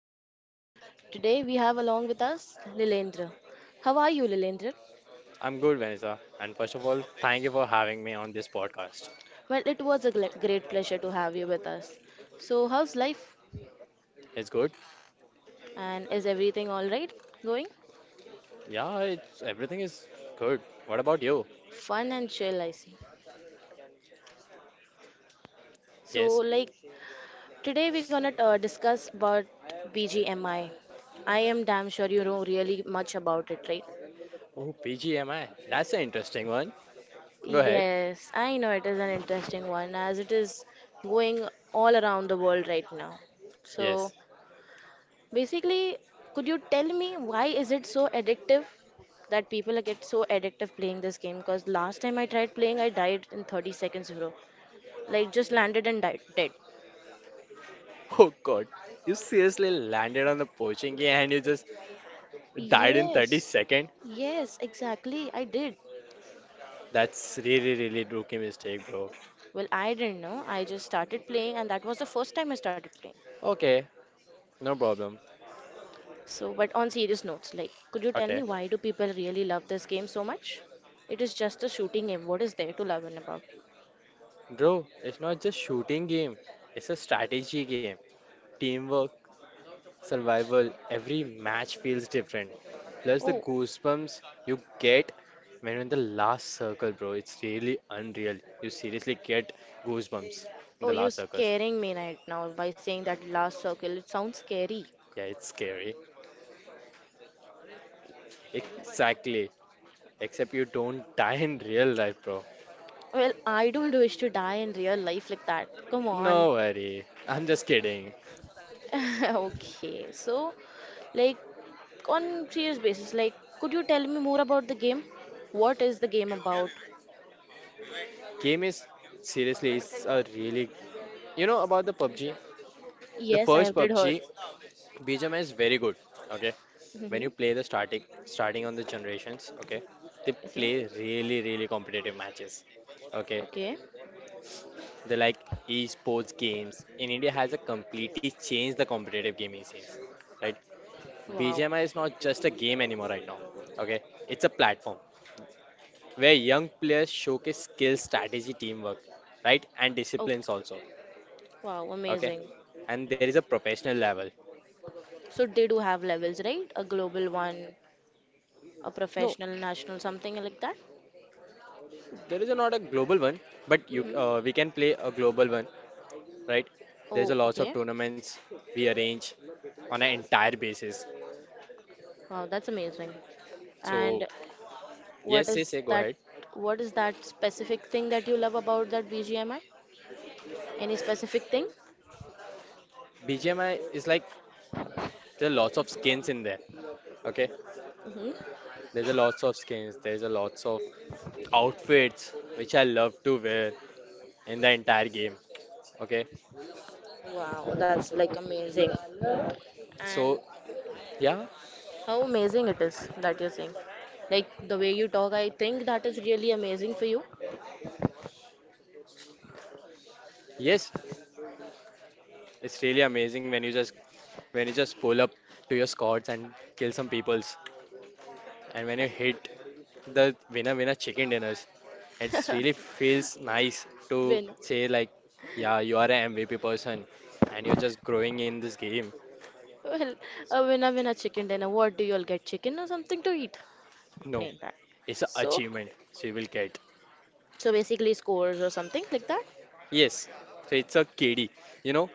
podcast. Today, we have along with us Lilendra. How are you, Lilendra? I'm good, Vanessa. And first of all, thank you for having me on this podcast. Well, it was a great pleasure to have you with us. So, how's life? It's good. And is everything all right going? Yeah, it's everything is good. What about you? Fun and chill, I see. So, Yes. like, today we're gonna discuss about BGMI. I am damn sure you know really much about it, right? Oh, PGMI. That's an interesting one. Go ahead. Yes, I know it is an interesting one as it is going all around the world right now. So, Yes. basically, could you tell me why is it so addictive that people get so addictive playing this game? Because last time I tried playing, I died in 30 seconds, bro. Like just landed and died dead. Oh God, you seriously landed on the poaching game and you just died in 30 Yes, seconds? yes, exactly. I did. That's really, really rookie mistake, bro. Well, I didn't know. I just started playing, and that was the first time I started playing. Okay, no problem. So, but on serious notes, like, could you tell me Okay, why do people really love this game so much? It is just a shooting game. What is there to love and about? bro, it's not just shooting game. It's a strategy game, teamwork, survival, every match feels different. Plus the Oh, goosebumps you get when you're in the last circle, bro. It's really unreal. You seriously get goosebumps oh, in the you last circles. scaring me right now by saying that last circle. It sounds scary. Yeah, it's scary. Exactly. Except you don't die in real life, bro. Well, I don't wish to die in real life like that. Come on. No worry. I'm just kidding. Okay, so like on serious basis, like could you tell me more about the game? What is the game about? Game is seriously it's a really you know about the PUBG? The Yes, I first have did PUBG heard. BGMI is very good. Okay, when you play Mm-hmm. the starting on the generations, okay, they Okay. play really, really competitive matches. Okay, Okay. they like esports games in India has a completely changed the competitive gaming scene, right? Wow. BGMI is not just a game anymore right now. Okay, it's a platform where young players showcase skill, strategy, teamwork, right, and Oh, disciplines also. wow, Okay, amazing. and there is a professional level. So they do have levels, right? A global one, a No, professional, national, something like that. there is a, not a global one, but you Hmm. we can play a global one, right? There's Oh, a lots okay. of tournaments we arrange on an entire basis. Wow, that's amazing. And So what yes, yes, is yeah, go that? ahead. What is that specific thing that you love about that BGMI? Any specific thing? BGMI is like there are lots of skins in there. Okay, Hmm. there's a lots of skins. There's a lots of outfits which I love to wear in the entire game. Okay, Wow, that's like amazing. so And yeah, how amazing it is that you're saying. Like the way you talk, I think that is really amazing for you. yes, it's really amazing when you just pull up to your squads and kill some peoples, and when Uh, you hit the winner winner chicken dinners. It really feels nice to Win. say like, yeah, you are an MVP person and you're just growing in this game. Well, a winner, winner, chicken dinner. What do you all get? Chicken or something to eat? No, Playing that. it's an So, achievement. So you will get. so, basically scores or something like that. Yes. So it's a KD. You know,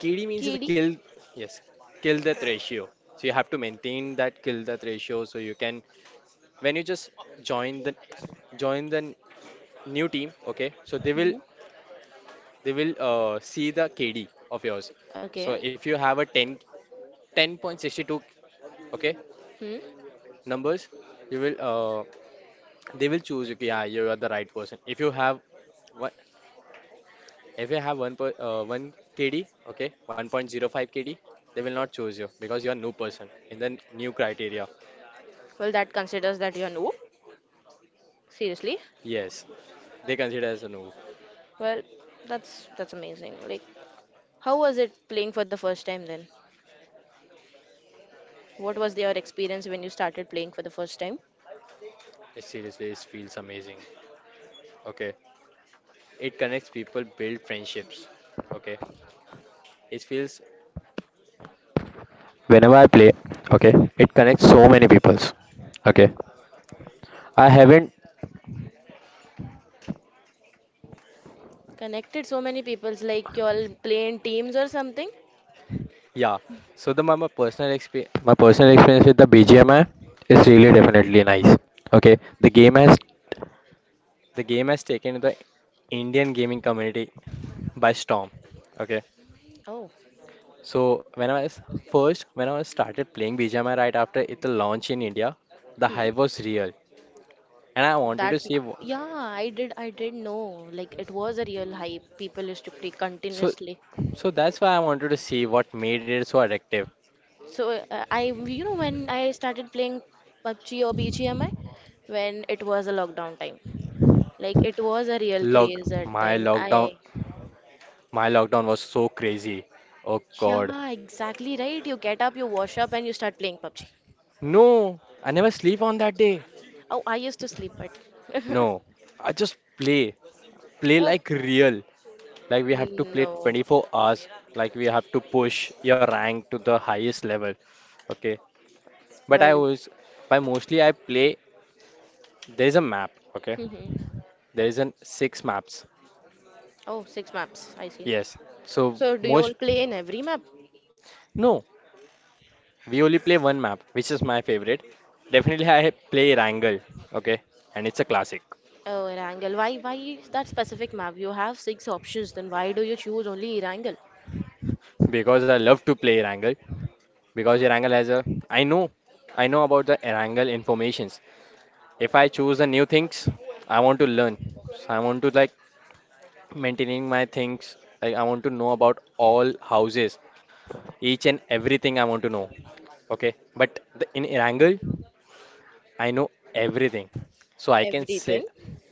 KD means it's a KD. kill. Yes, kill death ratio. So you have to maintain that kill death ratio. So you can when you just join the join the new team. Okay, so Hmm. they will see the KD of yours. Okay. So if you have a 10.62, okay, Hmm. numbers, you will, they will choose, okay, yeah, you are the right person. If you have, what, if you have one kd, okay, 1.05 kd, they will not choose you because you are new person in the new criteria. Well, that considers that you're new. Seriously. Yes, they consider as a noob. Well, that's amazing. Like, how was it playing for the first time then? What was your experience when you started playing for the first time? It seriously, it feels amazing, okay, it connects people, build friendships, okay, it feels, okay. I haven't, Connected so many peoples, like you all play in teams or something. yeah, so the my, my personal experience with the BGMI is really definitely nice. Okay. The game has taken the Indian gaming community by storm. Okay. Oh. So when I was when I was started playing BGMI right after it launch in India, the Hmm. hype was real, and I wanted That to see. Yeah, I did know. Like it was a real hype. People used to play So, continuously. That's why I wanted to see what made it so addictive. So I when I started playing PUBG or BGMI when it was a lockdown time. Like it was a real Log, craze that my time. lockdown, my lockdown was so crazy. Oh God, Yeah, exactly right. You get up, you wash up, and you start playing PUBG. no! I never sleep on that day. Oh, I used to sleep, but No, I just play, play oh, like real. Like we have to play no. 24 hours. Like we have to push your rank to the highest level. Okay. But I Well, was by mostly I play. There is a map, okay? mhm. There is an six maps. Oh, six maps. I see. Yes. So So, do you all most, play in every map? no, we only play one map, which is my favorite. Definitely I play Wrangle, okay? And it's a classic Oh, Erangel. Why is that specific map? You have six options. Then why do you choose only Erangel? because I love to play Wrangle, because Wrangle has a, I know I know about the Wrangle informations. If I choose the new things, I want to learn. So I want to like maintaining my things. I want to know about all houses, each and everything I want to know. Okay, but the, in Irangle, I know everything, so I can say, Everything,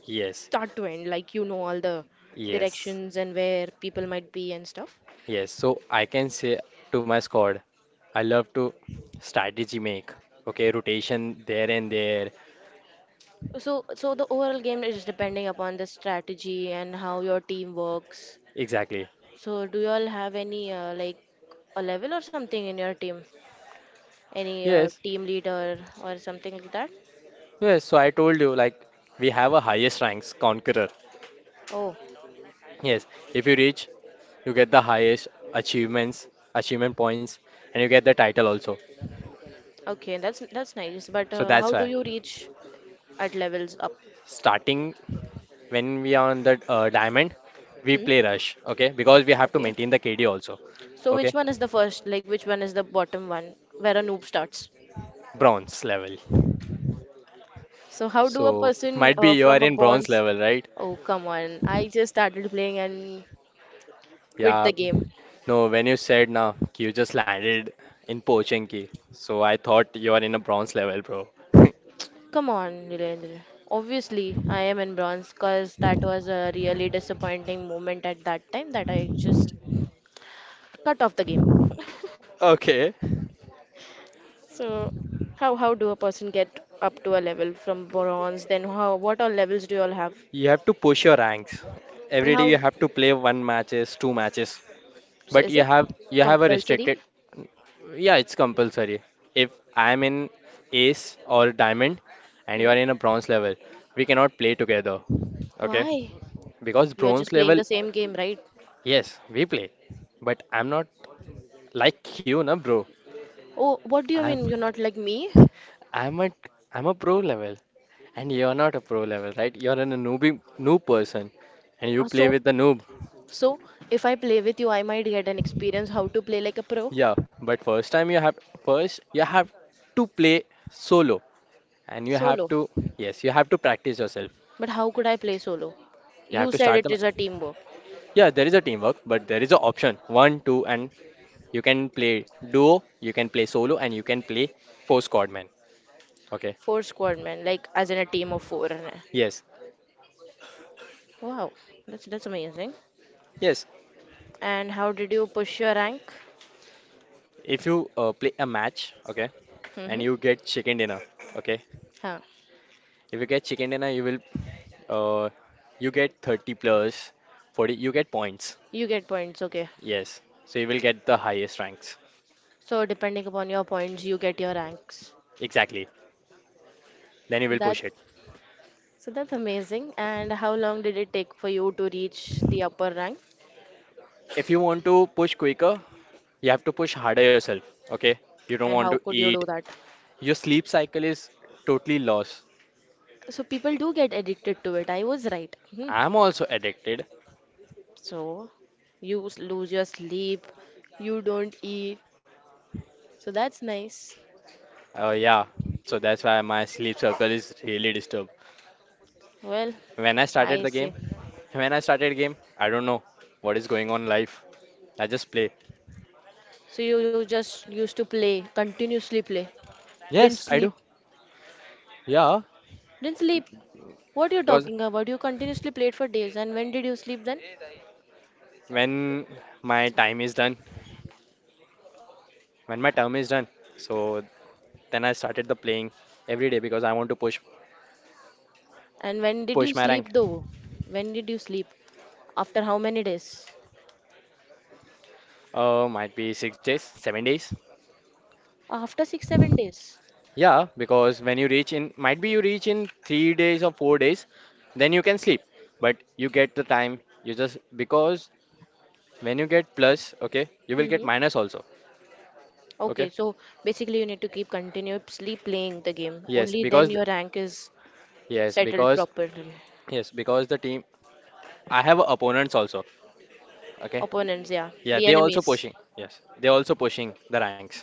yes, start to end. Like you know all the yes, directions and where people might be and stuff. yes. So I can say to my squad, I love to strategy make. Okay, rotation there and there. So, the overall game is depending upon the strategy and how your team works. Exactly. So, do you all have any like a level or something in your team? Any Yes, team leader or something like that? yes. So I told you, like, we have a highest ranks conqueror. Oh, Yes, if you reach, you get the highest achievements, achievement points, and you get the title also. okay, that's nice. But So that's how do why, you reach at levels up? starting, when we are on the diamond, we Hmm? play rush, okay? Because we have to Okay. maintain the KD also, So, which okay? one is the first? Like, which one is the bottom one where a noob starts? Bronze level. So, how do a So person might be you are from a in bronze bonds? level, right? Oh, come on! I just started playing and quit Yeah. the game. No, when you said now you just landed in Pochinki, so I thought you are in a bronze level, bro. Come on, Nilendra. Obviously, I am in bronze because that was a really disappointing moment at that time that I just cut off the game. Okay. So, how do a person get up to a level from bronze? Then, how what all levels do you all have? You have to push your ranks. And Every day how? you have to play one matches, two matches. So, But is you it have, a compulsory? restricted, yeah, it's compulsory. If I am in ace or diamond and you Hmm? are in a bronze level, we cannot play together. Okay? Why? Because You are bronze just playing level, the same game, right? yes, we play. But I'm not like you, na bro. Oh, what do you I'm mean you're not like me? I'm a I'm a pro level and you're not a pro level, right? You're an a newbie noob person and you Uh, play so, with the noob. so, if I play with you, I might get an experience how to play like a pro Yeah, but first you have to play solo. And you have solo. to, yes, you have to practice yourself. But how could I play solo? You have You to said it is a teamwork. yeah, there is a teamwork, but there is an option one two, and you can play duo, you can play solo, and you can play four squad man, okay? Four squad men, like as in a team of four. Yes, Wow, that's amazing. yes. And how did you push your rank? If you play a match, okay, and Mm-hmm. you get chicken dinner, okay, Huh. if you get chicken dinner, you will, uh, you get 30 plus 40, you get points. You get points, okay. Yes, so you will get the highest ranks. So depending upon your points, you get your ranks. Exactly, then you will That push it. So that's amazing. And how long did it take for you to reach the upper rank? If you want to push quicker, you have to push harder yourself, okay? You don't And want how to could you do eat. that? Your sleep cycle is totally lost. So people do get addicted to it. I was right. Hmm. I'm also addicted. So you lose your sleep, you don't eat. So that's nice. Yeah, so that's why my sleep circle is really disturbed. Well, When I I started the game, see. when I started game, I don't know what is going on in life. I just play. So you just used to play, continuously play. Didn't Yes, I sleep. do. Yeah, Didn't sleep. What are you because talking about? You continuously played for days. And when did you sleep then? when my time is done, when my term is done, so then I started the playing every day because I want to And when did you push my rank. sleep though? When did you sleep? After how many days? Might be 6 days, 7 days. After 6 7 days. Yeah, because when you reach in, might be you reach in 3 days or 4 days, then you can sleep. But you get the time, you just, because when you get plus, okay, you will get Mm-hmm. minus also. Okay. Okay, so basically you need to keep continuously playing the game. Yes, Only then because, your rank is yes, settled because, properly. yes, because the team, I have opponents also. Okay. Opponents, yeah. Yeah, The they also enemies. pushing. Yes, they also pushing the ranks.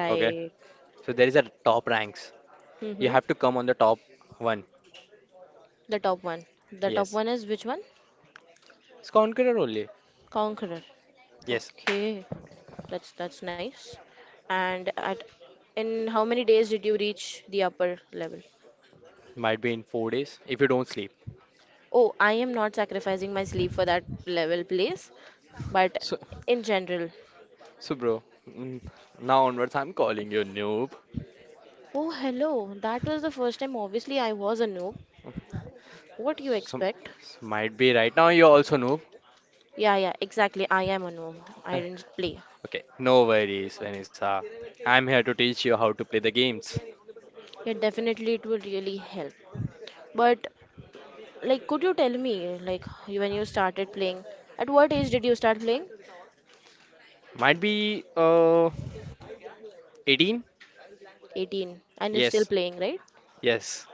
Okay. So there is a top ranks. You Mm-hmm. have to come on the top one. The top one. The top Yes. one is which one? It's Conqueror only. Conqueror. Yes, Okay. That's nice. And at in how many days did you reach the upper level? might be in 4 days if you don't sleep. Oh, I am not sacrificing my sleep for that level, please. But So. in general. So, bro, now onwards, I'm calling you noob. Oh, hello. That was the first time. Obviously, I was a noob. What do you So, expect? so might be right now you're also noob. Yeah, yeah, exactly. I am a noob. I Eh, didn't play. okay, no worries, Vanessa. I'm here to teach you how to play the games. Yeah, definitely it will really help. But like, could you tell me, like, when you started playing? At what age did you start playing? Might be 18? 18. And you're still Yes, playing, right? yes.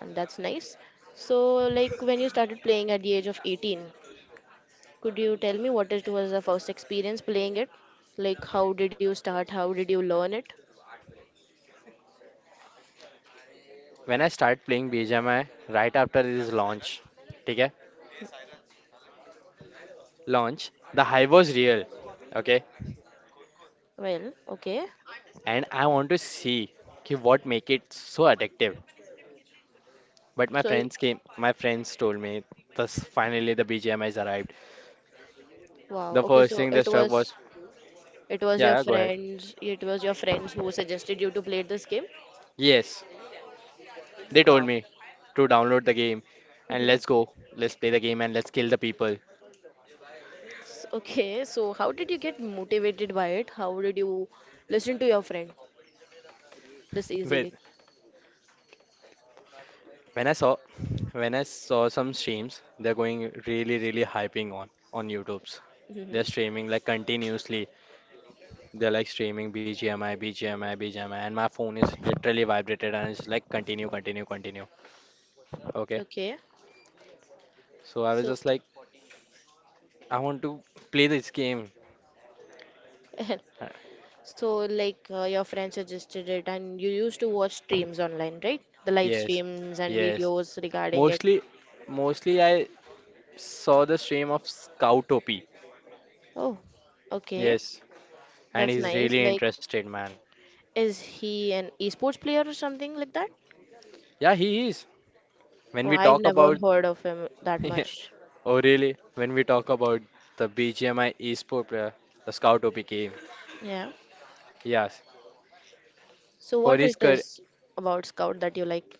And that's nice. So, like, when you started playing at the age of 18, could you tell me what it was the first experience playing it? Like, how did you start? How did you learn it? When I start playing BGMI right after its launch, okay? Launch. The hype was real, okay? Well, okay. And I want to see कि what make it so addictive. But So, my friends told me, thus finally the BGMIs arrived. wow. The Okay, first so thing they it struck was was, it was yeah, your yeah, go ahead. friends, it was your friends who suggested you to play this game. Yes, they told me to download the game and Mm-hmm. let's go, let's play the game and let's kill the people. Okay, so how did you get motivated by it? How did you listen to your friend this Well, easily? when I saw, when I saw some streams, they're going really, really hyping on YouTube's. They're Hmm. streaming like continuously. They're like streaming BGMI, BGMI, BGMI, and my phone is literally vibrated and it's like continue, continue, continue. Okay, Okay, so I was so just like, I want to play this game. Uh, so like your friend suggested it, and you used to watch streams online, right? The live Yes, streams and yes. videos regarding it. Mostly, mostly I saw the stream of Scoutopy. Oh, okay, Yes, and that's he's nice. really Like, interested, man. is he an esports player or something like that? Yeah, he is. When Oh, we I've talk never about, heard of him that yeah. much. Oh really? When we talk about the BGMI eSport player, the Scoutopy game. Yeah. Yes, So for what his it career, is about Scout that you like?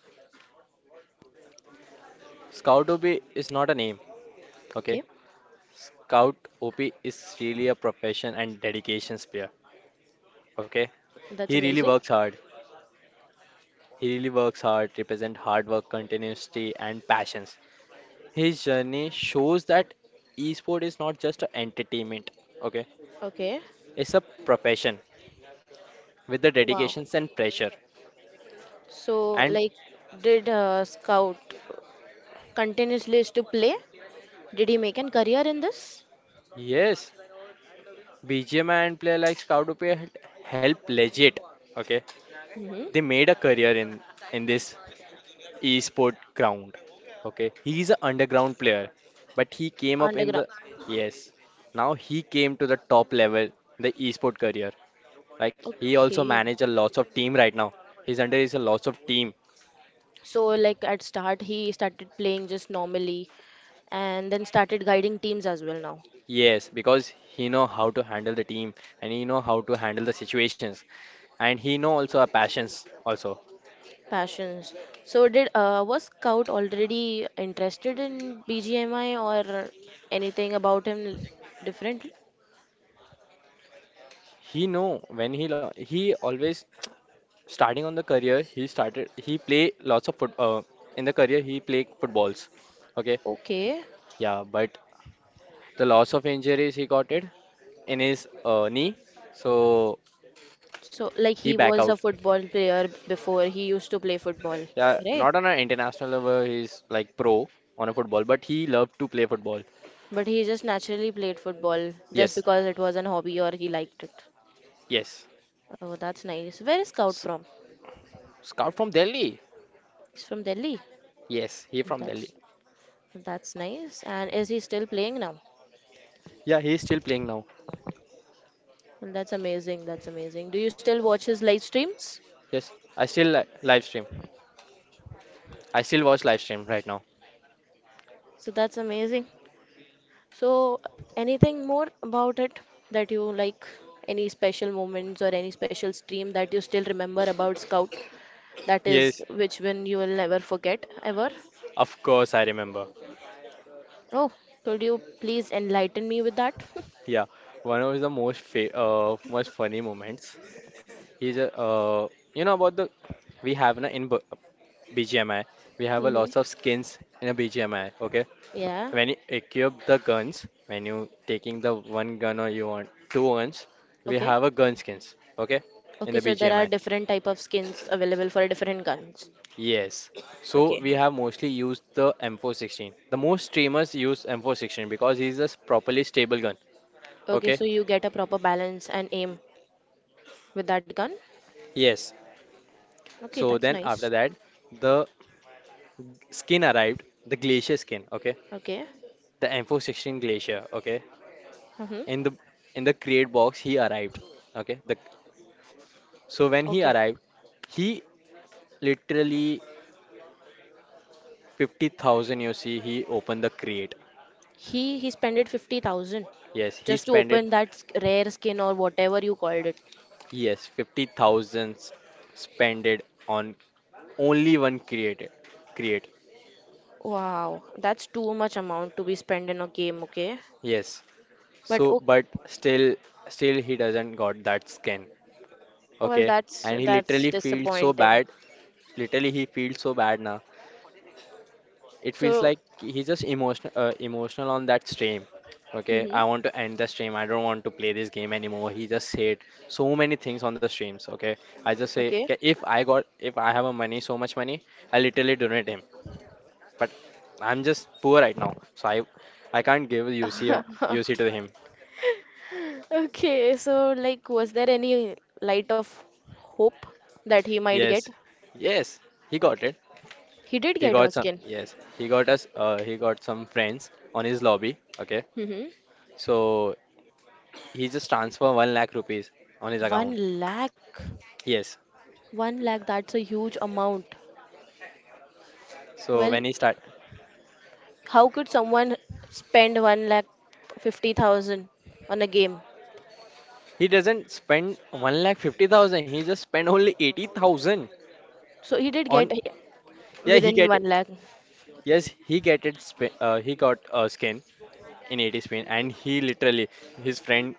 Scoutopy is not a name. Okay, Okay, Scout OP is really a profession and dedication player. Okay, that's he really amazing. works hard. He really works hard, represent hard work, continuity, and passions. His journey shows that esport is not just a entertainment, okay? Okay. It's a profession with the Wow. dedications and pressure. So, And like, did Scout continuously used to play? Did he make a career in this? yes, BGMI and player like Scoutopia help legit, okay? Mm-hmm. They made a career in this esport ground, okay? He's an underground player, but he came up in Underground. the, yes. Now he came to the top level, the esport career. Like he also Okay. manage a lots of team right now. His under is a lots of team. So, like, at start, he started playing just normally, and then started guiding teams as well now. Yes, because he know how to handle the team and he know how to handle the situations and he know also our passions also. Passions. So, did was Scout already interested in BGMI or anything about him differently? He know when he always starting on the career he started he play lots of foot in the career he play footballs. Okay, Okay. yeah, but the loss of injuries he got it in his knee, so So, like he he back was out. a football player before, he used to play football, Yeah, right? not on an international level, he's like pro on a football, but he loved to play football. But he just naturally played football just Yes, because it was an hobby or he liked it. yes. Oh, that's nice. Where is S Scout from? Scout from Delhi. He's from Delhi. Yes, he from Delhi. That's that's nice. And is he still playing now? Yeah, he's still playing now. Well, that's amazing. That's amazing. Do you still watch his live streams? Yes, I still li live stream. I still watch live stream right now. So that's amazing. So anything more about it that you like? Any special moments or any special stream that you still remember about Scout? That Yes, is which one you will never forget ever? of course I remember. Oh, could you please enlighten me with that? Yeah, one of the most fa most funny moments is you know about the we have na in B BGMI we have a lots of skins in a BGMI. Okay, Yeah. when you equip the guns, when you taking the one gun or you want two guns, we Okay. have a gun skins, okay? In Okay, the so there are BGMI. different type of skins available for different guns. Yes. So Okay. we have mostly used the M416. The most streamers use M416 because it is a properly stable gun. Okay, so Okay? you get a proper balance and aim with that gun. Yes. Okay, So that's then after nice. that, the skin arrived, the glacier skin, okay? Okay. The M416 glacier, okay? Mm-hmm. In the in the crate box he arrived. Okay? The So when he Okay. arrived, he literally 50,000 you see he opened the crate. He spent 50,000 Yes, he just to spent it. open that rare skin or whatever you called it. Yes, 50,000 spent it on only one create. Wow, that's too much amount to be spent in a game, okay? Yes. But So okay, but still still he doesn't got that skin. well, Okay. that's And he literally that's feels so disappointing. bad. Literally he feels so bad now. It feels So, like he's just emotional on that stream. Okay, hmm I want to end the stream, I don't want to play this game anymore, he just said so many things on the streams. Okay, I just say, okay. "Okay, if I have a money, so much money, I literally donate him, but I'm just poor right now, so I can't give UC to him." Okay, so like was there any light of hope that he might Yes, get? yes, he got it. He did He get got some. Muskin. Yes, he got some friends on his lobby, okay. Mm-hmm. So he just transfer 1 lakh rupees on his One account. lakh. Yes. One lakh, that's a huge amount. So Well, when he start, how could someone spend one lakh 50,000 on a game? he doesn't spend 1 lakh 50,000. He just spent only 80,000 So he did get on. Yeah, he within get one it. lakh Yes, he get it. He got a skin in 80 spin, and he literally his friend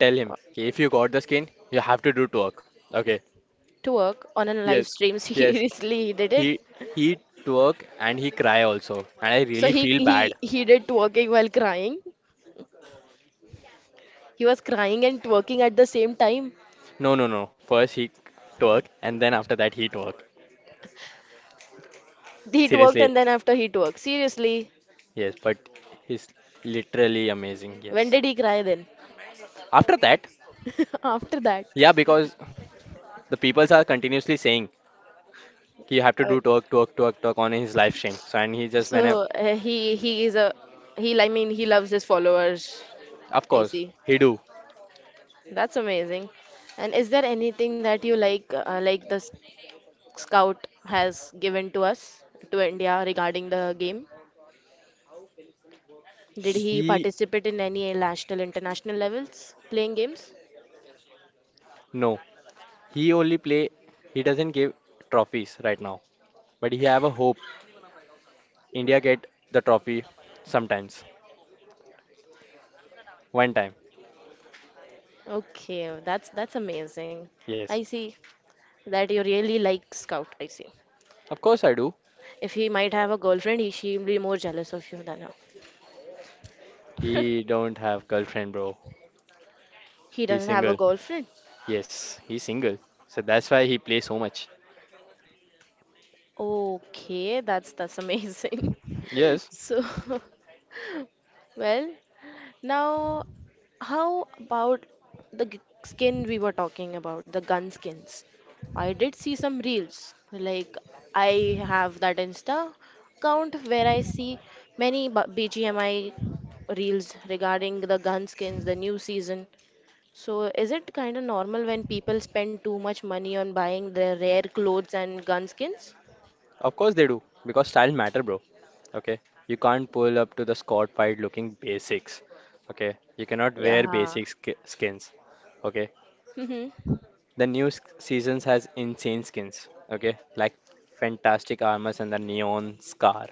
tell him, okay, if you got the skin, you have to do twerk. Okay. to work on a live Yes. stream. Yes. Seriously, he did it. He he twerk and he cry also, and I So really he feel bad. he he did twerking while crying. He was crying and twerking at the same time. No, no, no. First he twerk, and then after that he twerk. He twerked Seriously. and then after he twerked. Seriously, Yes, but he's literally amazing. when Yes. did he cry then? After that, After that. yeah, because the peoples are continuously saying कि you have to Uh, do talk, talk, talk, talk on his live stream. So and he just whenever, so, he is, a he I mean, he loves his followers. of I course, see. he do. That's amazing. And is there anything that you like the Scout has given to us to India regarding the game? Did he He participate in any national international levels playing games? No, he only play. He doesn't give trophies right now, but he have a hope. India get the trophy sometimes, one time. Okay, that's amazing. I Yes, see that you really like Scout. I see. of course I do. If he might have a girlfriend, he she'll be more jealous of you than her. He don't have girlfriend, bro. He He's doesn't have a single. girlfriend. Yes, he's single. So that's why he play so much. Okay, that's amazing. Yes, So, well, now, how about the skin we were talking about, the gun skins? I did see some reels. Like, I have that Insta account where I see many BGMI reels regarding the gun skins, the new season. So, is it kind of normal when people spend too much money on buying their rare clothes and gun skins? of course they do, because style matter, bro. Okay, you can't pull up to the squad fight looking basics. Okay, you cannot wear Yeah. basic sk skins. Okay, the new seasons has insane skins. Okay, like fantastic armors and the neon scar.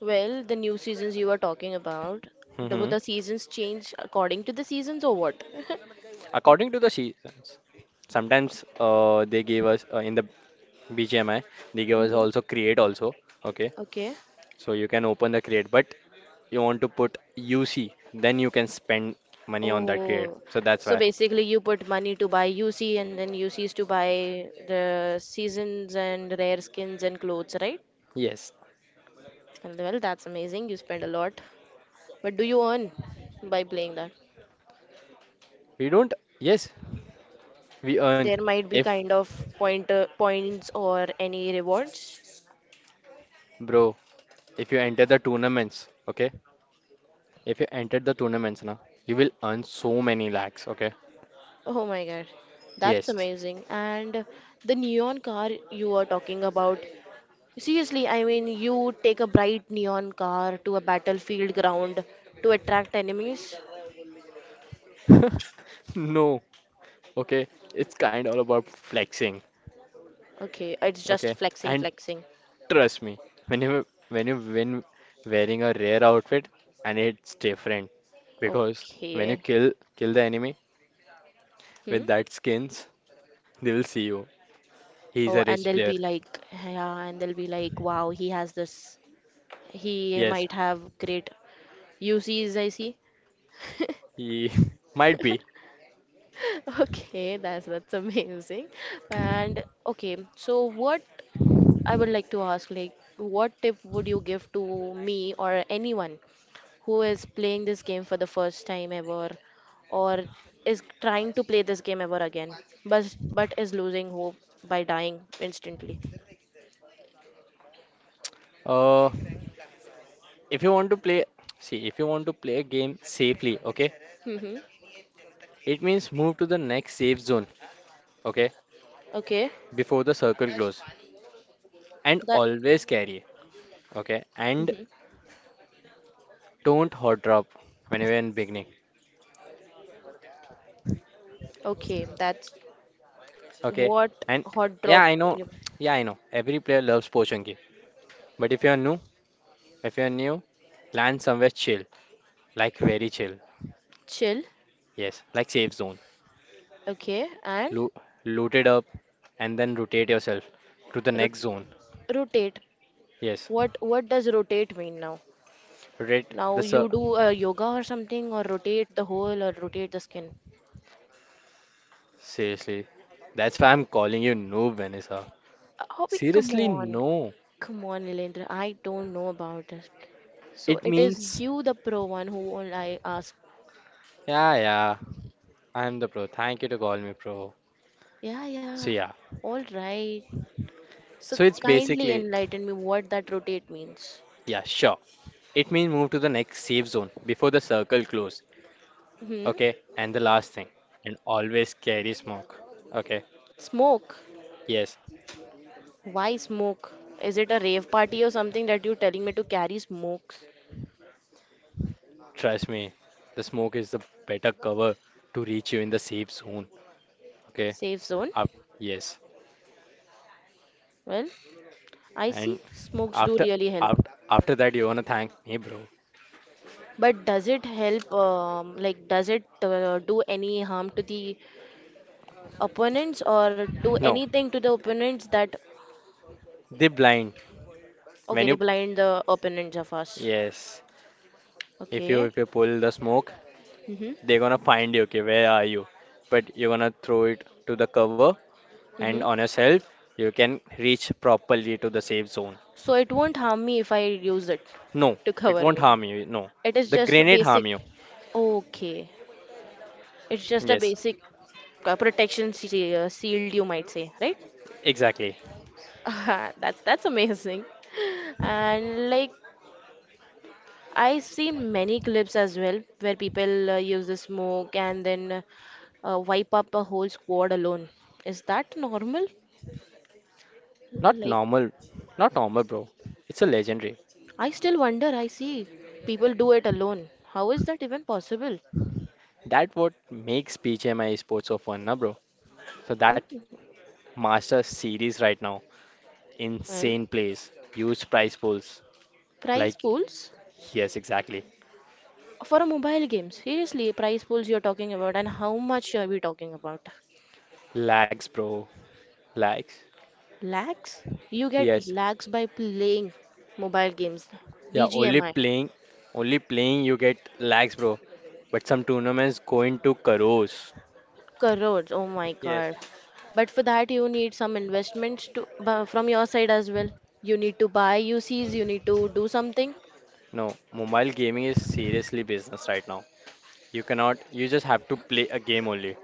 Well, the new seasons you are talking about, do Hmm. the seasons change according to the seasons or what? According to the seasons, sometimes they give us in the BGMI, they give us hmm also create also. Okay, Okay. so you can open the create, but you want to put UC, then you can spend money on that grade. Oh, So that's so why. basically you put money to buy UC and then UCs to buy the seasons and rare skins and clothes, right? Yes. And well, that's amazing. You spend a lot. But do you earn by playing that? We don't, yes, we earn. There might be If, kind of pointer points or any rewards. bro, if you enter the tournaments, okay? If you enter the tournaments now, you will earn so many lakhs, okay? Oh my God, that's Yes. amazing. And the neon car you are talking about, seriously, I mean, you take a bright neon car to a battlefield ground to attract enemies? No, okay? It's kind of all about flexing, Okay, it's just okay? flexing, And flexing. trust me, when you win wearing a rare outfit, and it's different because when you Okay. kill the enemy Hmm? with that skins, they'll see you. He's a Oh, and rich they'll player. be like, yeah, and they'll be like, wow, he has this. He Yes, might have great UCs, I see. he might be. Okay, that's amazing. And okay, so what? I would like to ask, like, what tip would you give to me or anyone who is playing this game for the first time ever, or is trying to play this game ever again, but is losing hope by dying instantly? Uh, if you want to play, see, if you want to play a game safely, okay, Mm-hmm. it means move to the next safe zone, okay, Okay. before the circle close, and That. always carry, okay, and hmm don't hot drop when you're in beginning, Okay. That's okay, what and hot yeah, drop. I know, You yeah, I know, every player loves Pochanki, but if you're new, land somewhere chill, like very chill, chill. yes, like safe zone, Okay. And Loo looted up and then rotate yourself to the rot next zone. rotate. Yes, What does rotate mean now? rotate Now you do yoga or something, or rotate the whole, or rotate the skin. Seriously, that's why I'm calling you noob, Vanessa. Hobby, come Seriously, on, no. come on, Nilendra. I don't know about it. So It it is means, you, the pro one, who all I ask. yeah, I'm the pro. Thank you to call me pro. Yeah, So, yeah. yeah. All right. So So, it's kindly basically, enlighten me what that rotate means. yeah, sure. It means move to the next safe zone before the circle close. Hmm. Okay, and the last thing, and always carry smoke. Okay, Smoke. yes, Why smoke? Is it a rave party or something that you're telling me to carry smokes? trust me, the smoke is the better cover to reach you in the safe zone. Okay, Safe zone? up, yes. Well, I And see smokes do after really help. after that you wanna thank me, bro. But does it help, like, does it do any harm to the opponents or do No, anything to the opponents that, they blind. okay, When they you blind the opponents of us? Yes, if you Okay. if you pull the smoke, Mm-hmm. they're gonna find you. Okay, where are you? But you're gonna throw it to the cover and Mm-hmm. on yourself, you can reach properly to the safe zone. So it won't harm me if I use it No, to it cover won't me. harm you. No, It is the just a grenade basic. harm you. Okay. It's just a Yes, basic protection shield, you might say, right? exactly. That's amazing. And like I see many clips as well where people use the smoke and then wipe up a whole squad alone. Is that normal? Not Like, normal, not normal, bro. It's a legendary. I still wonder. I see people do it alone. How is that even possible? That what makes BGMI esports so fun, na, bro. So that Mm, master series right now. Well, Insane place. Huge price pools. prize Like, pools yes, exactly. for a mobile game. Seriously, prize pools you're talking about, and how much are we talking about? Lags, bro. Lags. Lags? You get Yes. lags by playing mobile games. Yeah, BGMI. Only playing you get lags, bro. But some tournaments go into crores. Crores, oh my Yes. God. But for that, you need some investments from your side as well. You need to buy UCs, you need to do something. No, mobile gaming is seriously business right now. You cannot, you just have to play a game only.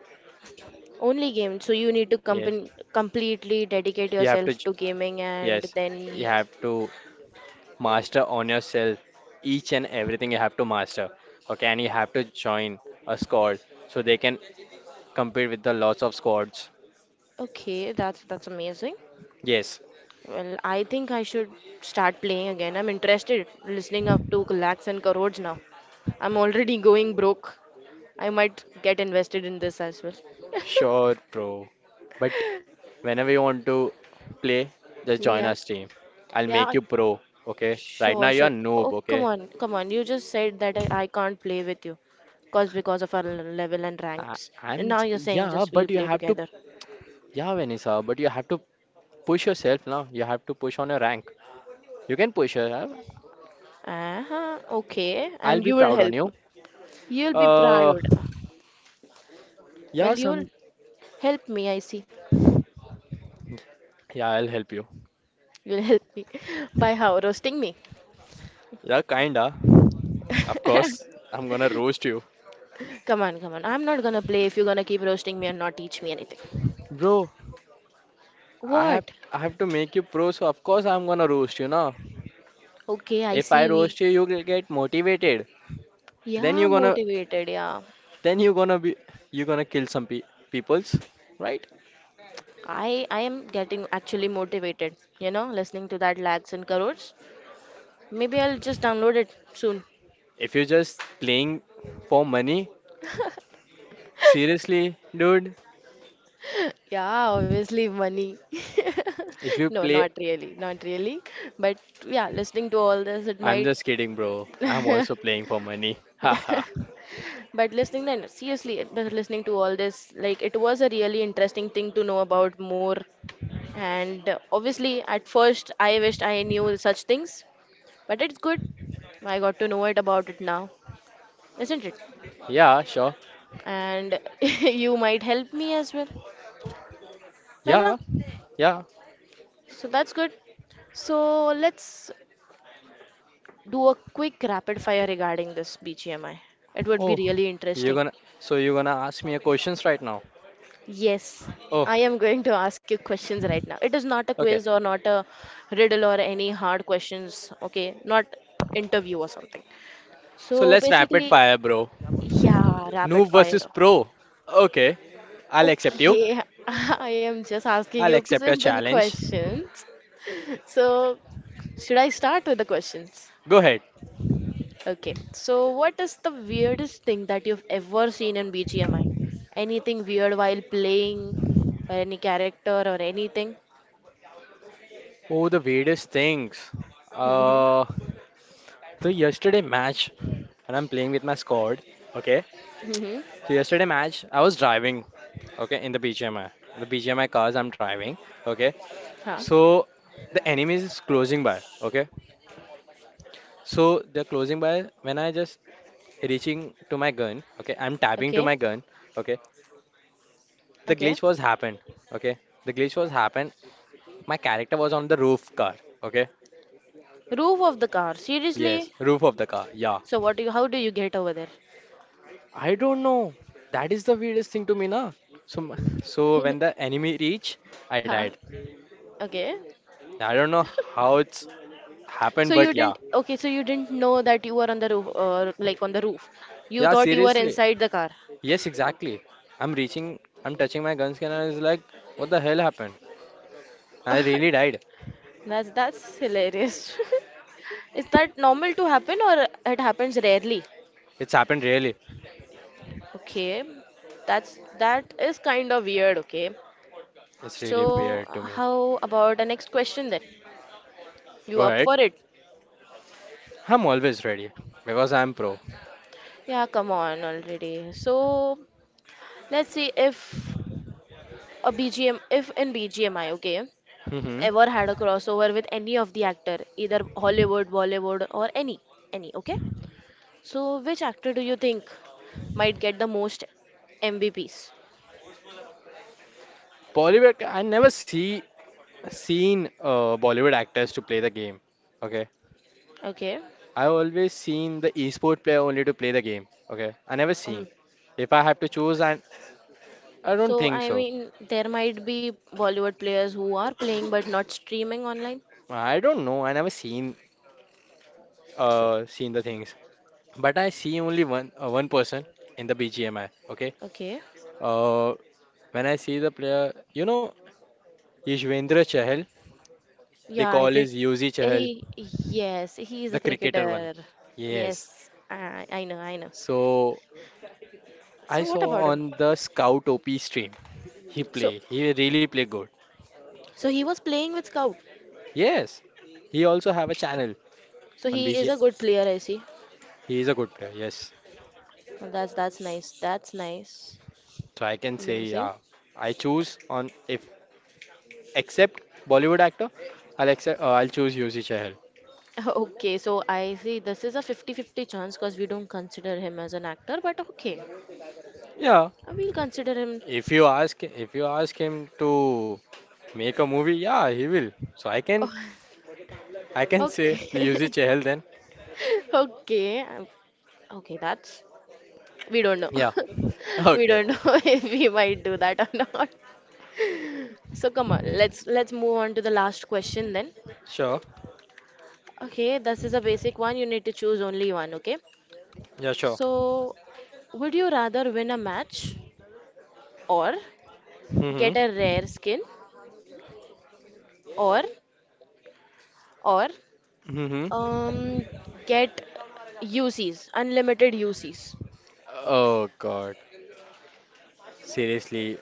Only game, so you need to Yes. Completely dedicate You have to, yourself to gaming and yes, you then. have to master on yourself. Each and everything you have to master. Okay, and you have to join a squad so they can compete with the lots of squads. Okay, that's amazing. Yes, Well, I think I should start playing again. I'm interested listening up to lakhs and crores now. I'm already going broke. I might get invested in this as well. sure, bro. But whenever you want to play, just join Yeah. us team. I'll make Yeah, you pro, okay? Right now sure, you're sure. noob, Oh, come okay? on, come on. You just said that I can't play with you, cause because of our level and I, ranks. And I'm now j- you're saying yeah, just we'll but you play have to together. yeah, Vanessa, but you have to push yourself now. You have to push on your rank. You can push yourself. Uh-huh, okay. I'll And be you will proud on help me. you. You'll be Uh, proud. Well, yeah, you'll some help me. I see. yeah, I'll help you. You'll help me by how roasting me. Yeah, kinda. Of course, I'm gonna roast you, Come on, come on. I'm not gonna play if you're gonna keep roasting me and not teach me anything. bro. I have What? I have to make you pro, so of course I'm gonna roast you now. Okay, I If I see. We roast you, you will get motivated. Then yeah, you gonna motivated. Yeah. then you gonna kill some pe peoples, right? I am getting actually motivated, listening to that lakhs and crores. Maybe I'll just download it soon. If you're just playing for money, seriously, dude. Yeah, obviously money. If you No, not play, really, not really. But yeah, listening to all this, it I'm might. just kidding, bro. I'm also playing for money. Haha. But listening then, seriously, but listening to all this, like it was a really interesting thing to know about more. And obviously, at first, I wished I knew such things, but it's good. I got to know it about it now, isn't it? Yeah, sure. And you might help me as well. No, no. Yeah, yeah. So that's good. So let's do a quick rapid fire regarding this BGMI. It would be Oh, really you're interesting. gonna so you're gonna ask me a questions right now. Yes, Oh, I am going to ask you questions right now. It is not a okay. quiz or not a riddle or any hard questions, okay? Not interview or something. So So let's rapid basically, fire, bro. yeah, rapid Noob versus fire. pro. Okay, I'll accept you. Okay, I am just asking I'll you accept your simple challenge. questions. So, should I start with the questions? Go ahead. Okay, so what is the weirdest thing that you've ever seen in BGMI? Anything weird while playing, or any character, or anything? Oh, the weirdest things. Mm-hmm. Uh, so yesterday match, when I'm playing with my squad. Okay, Mm-hmm. so yesterday match, I was driving. Okay, in the BGMI, the BGMI cars I'm driving. Okay, Huh. so the enemies is closing by. Okay, so they're closing by. When I just reaching to my gun. Okay, I'm tapping to Okay. my gun. Okay, the Okay. glitch was happened. Okay, the glitch was happened. My character was on the roof car. Okay. Roof of the car. Seriously? Yes, roof of the car. Yeah. So what do you, how do you get over there? I don't know. That is the weirdest thing to me, na. So, so when the enemy reached, I Huh? died. Okay. I don't know how it's happened, So you but yeah. didn't, okay, so you didn't know that you were on the roof, or like on the roof. You Yeah, thought you were seriously. inside the car. Yes, exactly. I'm reaching, I'm touching my gun scanner. It's like, what the hell happened? I really died. That's hilarious. Is that normal to happen or it happens rarely? It's happened really. Okay, that is kind of weird. Okay, It's really so weird to me. how about the next question then? Go You up ahead. for it? I'm always ready because I'm pro. Yeah, come on already. So let's see if a BGM, if in BGMI, okay, Mm-hmm. ever had a crossover with any of the actor, either Hollywood, Bollywood, or any, okay? So which actor do you think might get the most MVPs? Polybag, I never seen Bollywood actors to play the game. Okay, Okay, I always seen the esport player only to play the game. Okay, I never seen. um, If I have to choose, I don't So, think I so. mean, there might be Bollywood players who are playing but not streaming online. I don't know. I never seen So, uh seen the things, but I see only one person in the BGMI. Okay, okay. uh when I see the player, you know Yashvendra Chahal. Yeah, They I call did. is Yuzi Chahal, He, yes, he is a the cricketer one. cricketer. Yes. Yes, I know, I know. So So, I what about saw him? on the Scout OP stream he So, play. He really play good. so, he was playing with Scout. Yes, he also have a channel So on he is BG. a good player, I see. He is a good player. Yes, Well, that's nice. That's nice. so I can say Amazing. yeah. I choose on if except Bollywood actor, I'll accept. I'll choose Yuzi Chahal. Okay, so I see this is a 50-50 chance because we don't consider him as an actor, but okay, Yeah, we will consider him. if you ask him to make a movie, yeah, he will. So I Oh, can I can say the Yuzi okay. Chahal then. Okay. Okay, that's we don't know. Yeah. We Okay. don't know if we might do that or not. So come on, let's move on to the last question then. Sure. Okay, this is a basic one. You need to choose only one, okay? Yeah. Sure. So, would you rather win a match or get Mhm. a rare skin or or Mhm. um get UCs, unlimited UCs? Oh God. Seriously,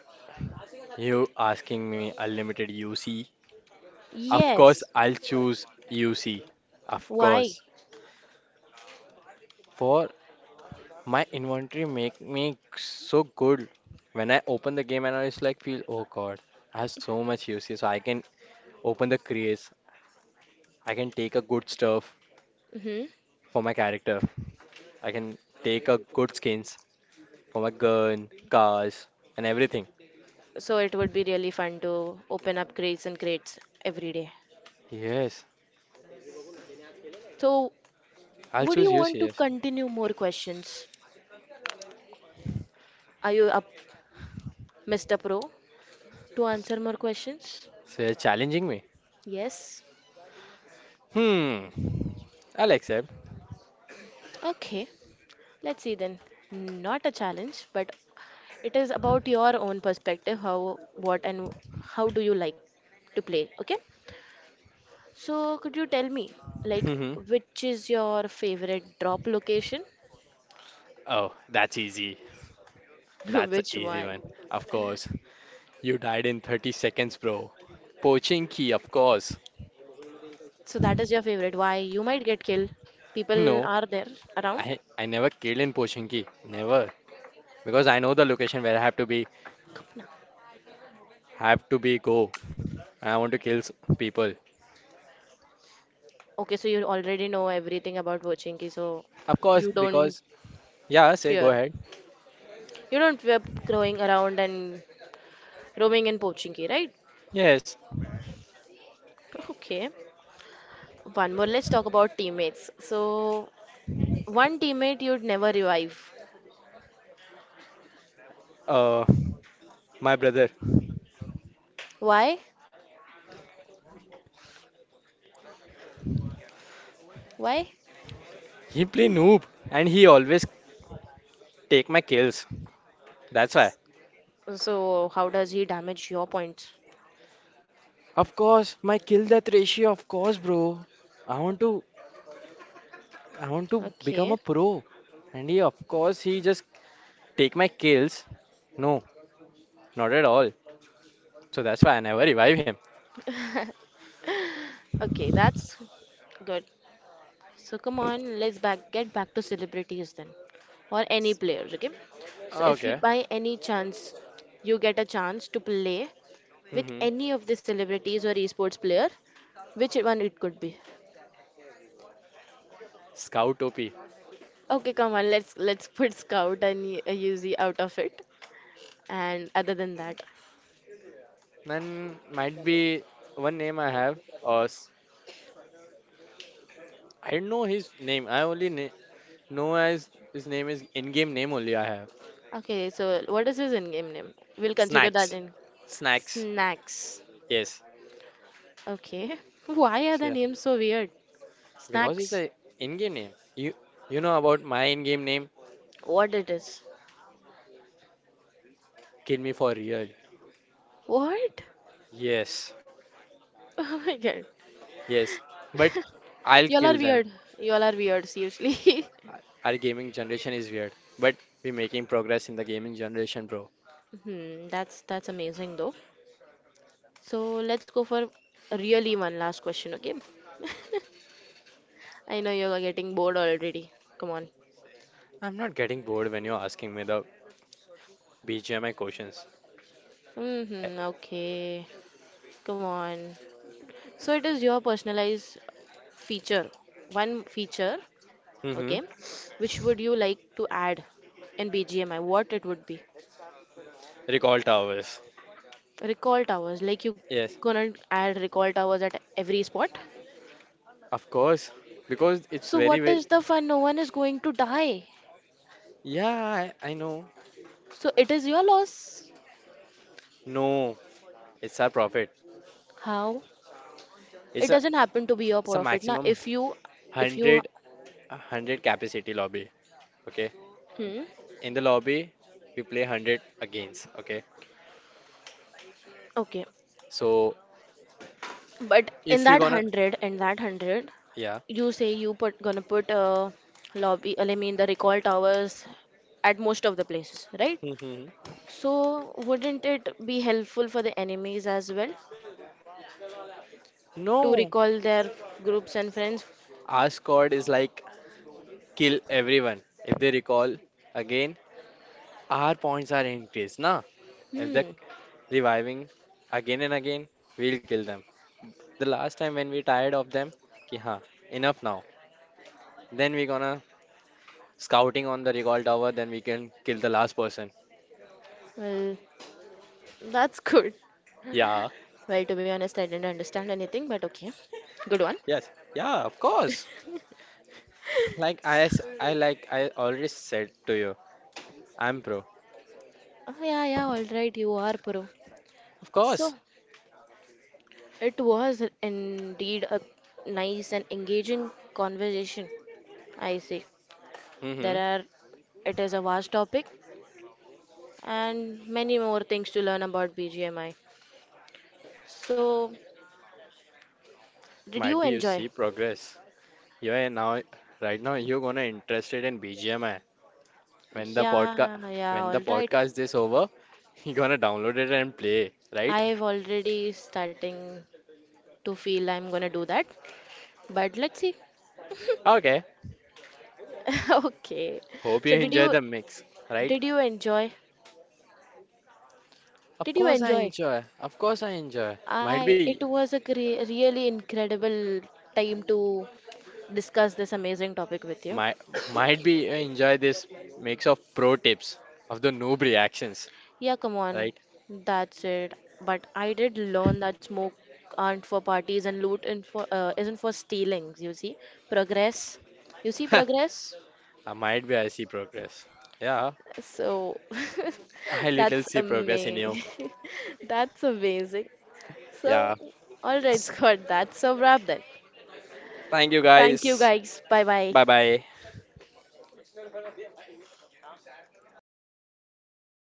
you asking me unlimited UC? Of course, Yes. I'll choose UC. Of Why? course. For my inventory make me so good. When I open the game and I just like feel, oh God, I have so much UC. So I can open the crates. I can take a good stuff Mm-hmm. for my character. I can take a good skins for my gun, cars, and everything. So it would be really fun to open up crates and crates every day. Yes, So I'll would choose you want UC. to Yes. continue more questions? Are you up, Mr. Pro, to answer more questions? So you're challenging me. Yes. Hmm. I'll accept. Okay. Let's see then. Not a challenge, but it is about your own perspective, how, what, and how do you like to play, okay? So could you tell me, like, Hmm. which is your favorite drop location? Oh, that's easy. That's an Which easy one? one. Of course, you died in 30 seconds, bro. Pochinki, of course. So that is your favorite. Why you might get killed. People No, are there around. I never killed in Pochinki. Never. Because I know the location where I have to be go. I want to kill people. Okay, so you already know everything about Pochinki, so Of course, you don't because yeah, say go fear. ahead. You don't fear going around and roaming in Pochinki, right? Yes. Okay. One more. Let's talk about teammates. So one teammate you'd never revive. Uh my brother. Why? Why? He play noob and he always take my kills. That's why. So how does he damage your points? Of course, my kill death ratio, of course, bro. I want to I want to become a Okay. pro. And he of course he just take my kills. No, not at all. So that's why I never revive him. Okay, that's good. So come on, let's back get back to celebrities then, or any players, okay? So if you Okay. by any chance you get a chance to play with hmm any of the celebrities or esports player, which one it could be? Scout OP. Okay, come on, let's put Scout and Yuzi out of it, and other than that, Then might be one name I have. Or I don't know his name. I only know as his name is in-game name only I have. okay. So what is his in-game name? We'll consider that Snacks. in Snacks. snacks. Yes, Okay, why are so, the yeah. names so weird? Because it's Snacks. a in-game name. You you know about my in-game name? What it is? Kill me for real. What? Yes. Oh my god. Yes, but I'll Y'all are kill them. weird. Y'all are weird, seriously. Our gaming generation is weird, but we're making progress in the gaming generation, bro. That's amazing though. So let's go for really one last question, okay? I know you're getting bored already. Come on. I'm not getting bored when you're asking me the BGMI questions. Mm-hmm, okay. Come on. So it is your personalized feature. One feature, Mm-hmm. okay? Which would you like to add in BGMI? What it would be? Recall towers. Recall towers. Like you Yes, gonna add recall towers at every spot? of course. Because it's So very, what very. is the fun? No one is going to die. Yeah, I know. So it is your loss. No, it's our profit. How? It's It a doesn't happen to be your it's a profit. Now, maximum if you, 100, a 100 capacity lobby. Okay. hmm, In the lobby, we play 100 against. Okay. okay. So But in if you're that gonna, hundred, in that hundred, yeah. you say you put gonna put lobby. I mean the recall towers at most of the places, right? Mhm. So wouldn't it be helpful for the enemies as well to No, recall their groups and friends? our squad is like kill everyone. If they recall again, our points are increased, na? If they're Hmm. reviving again and again, we'll kill them. The last time when we tired of them, ki ha, enough now. Then we gonna scouting on the recall tower, then we can kill the last person. Well, that's good. Yeah, Well, to be honest, I didn't understand anything, but okay. Good one. yes, yeah, of course. Like I already said to you, I'm pro. Oh, yeah, yeah, all right, you are pro. Of course. So, it was indeed a nice and engaging conversation, I see. Mm-hmm. There are, it is a vast topic and many more things to learn about BGMI. So, did Might you be you see enjoy? progress. You are now Right now you're gonna interested in BGMI. When the podcast Yeah, yeah, when the all right. podcast is over, you gonna download it and play, right? I've already starting to feel I'm gonna do that, but let's see. Okay, Okay. hope you So did enjoy you the mix, right? did you enjoy? Of Did you course I enjoy? enjoy. Of course I enjoy. I it was a cre really incredible time to discuss this amazing topic with you. might might be you enjoy this mix of pro tips of the noob reactions, Yeah, come on. right? That's it. But I did learn that smoke aren't for parties and loot in for isn't for stealings, you see. Progress. You see progress? I might be I see progress. Yeah, So I little that's see progress in you. amazing. That's amazing. Yeah. So, all right, Scott, that's a wrap then. Thank you Thank you, guys. guys. Bye bye. Bye bye.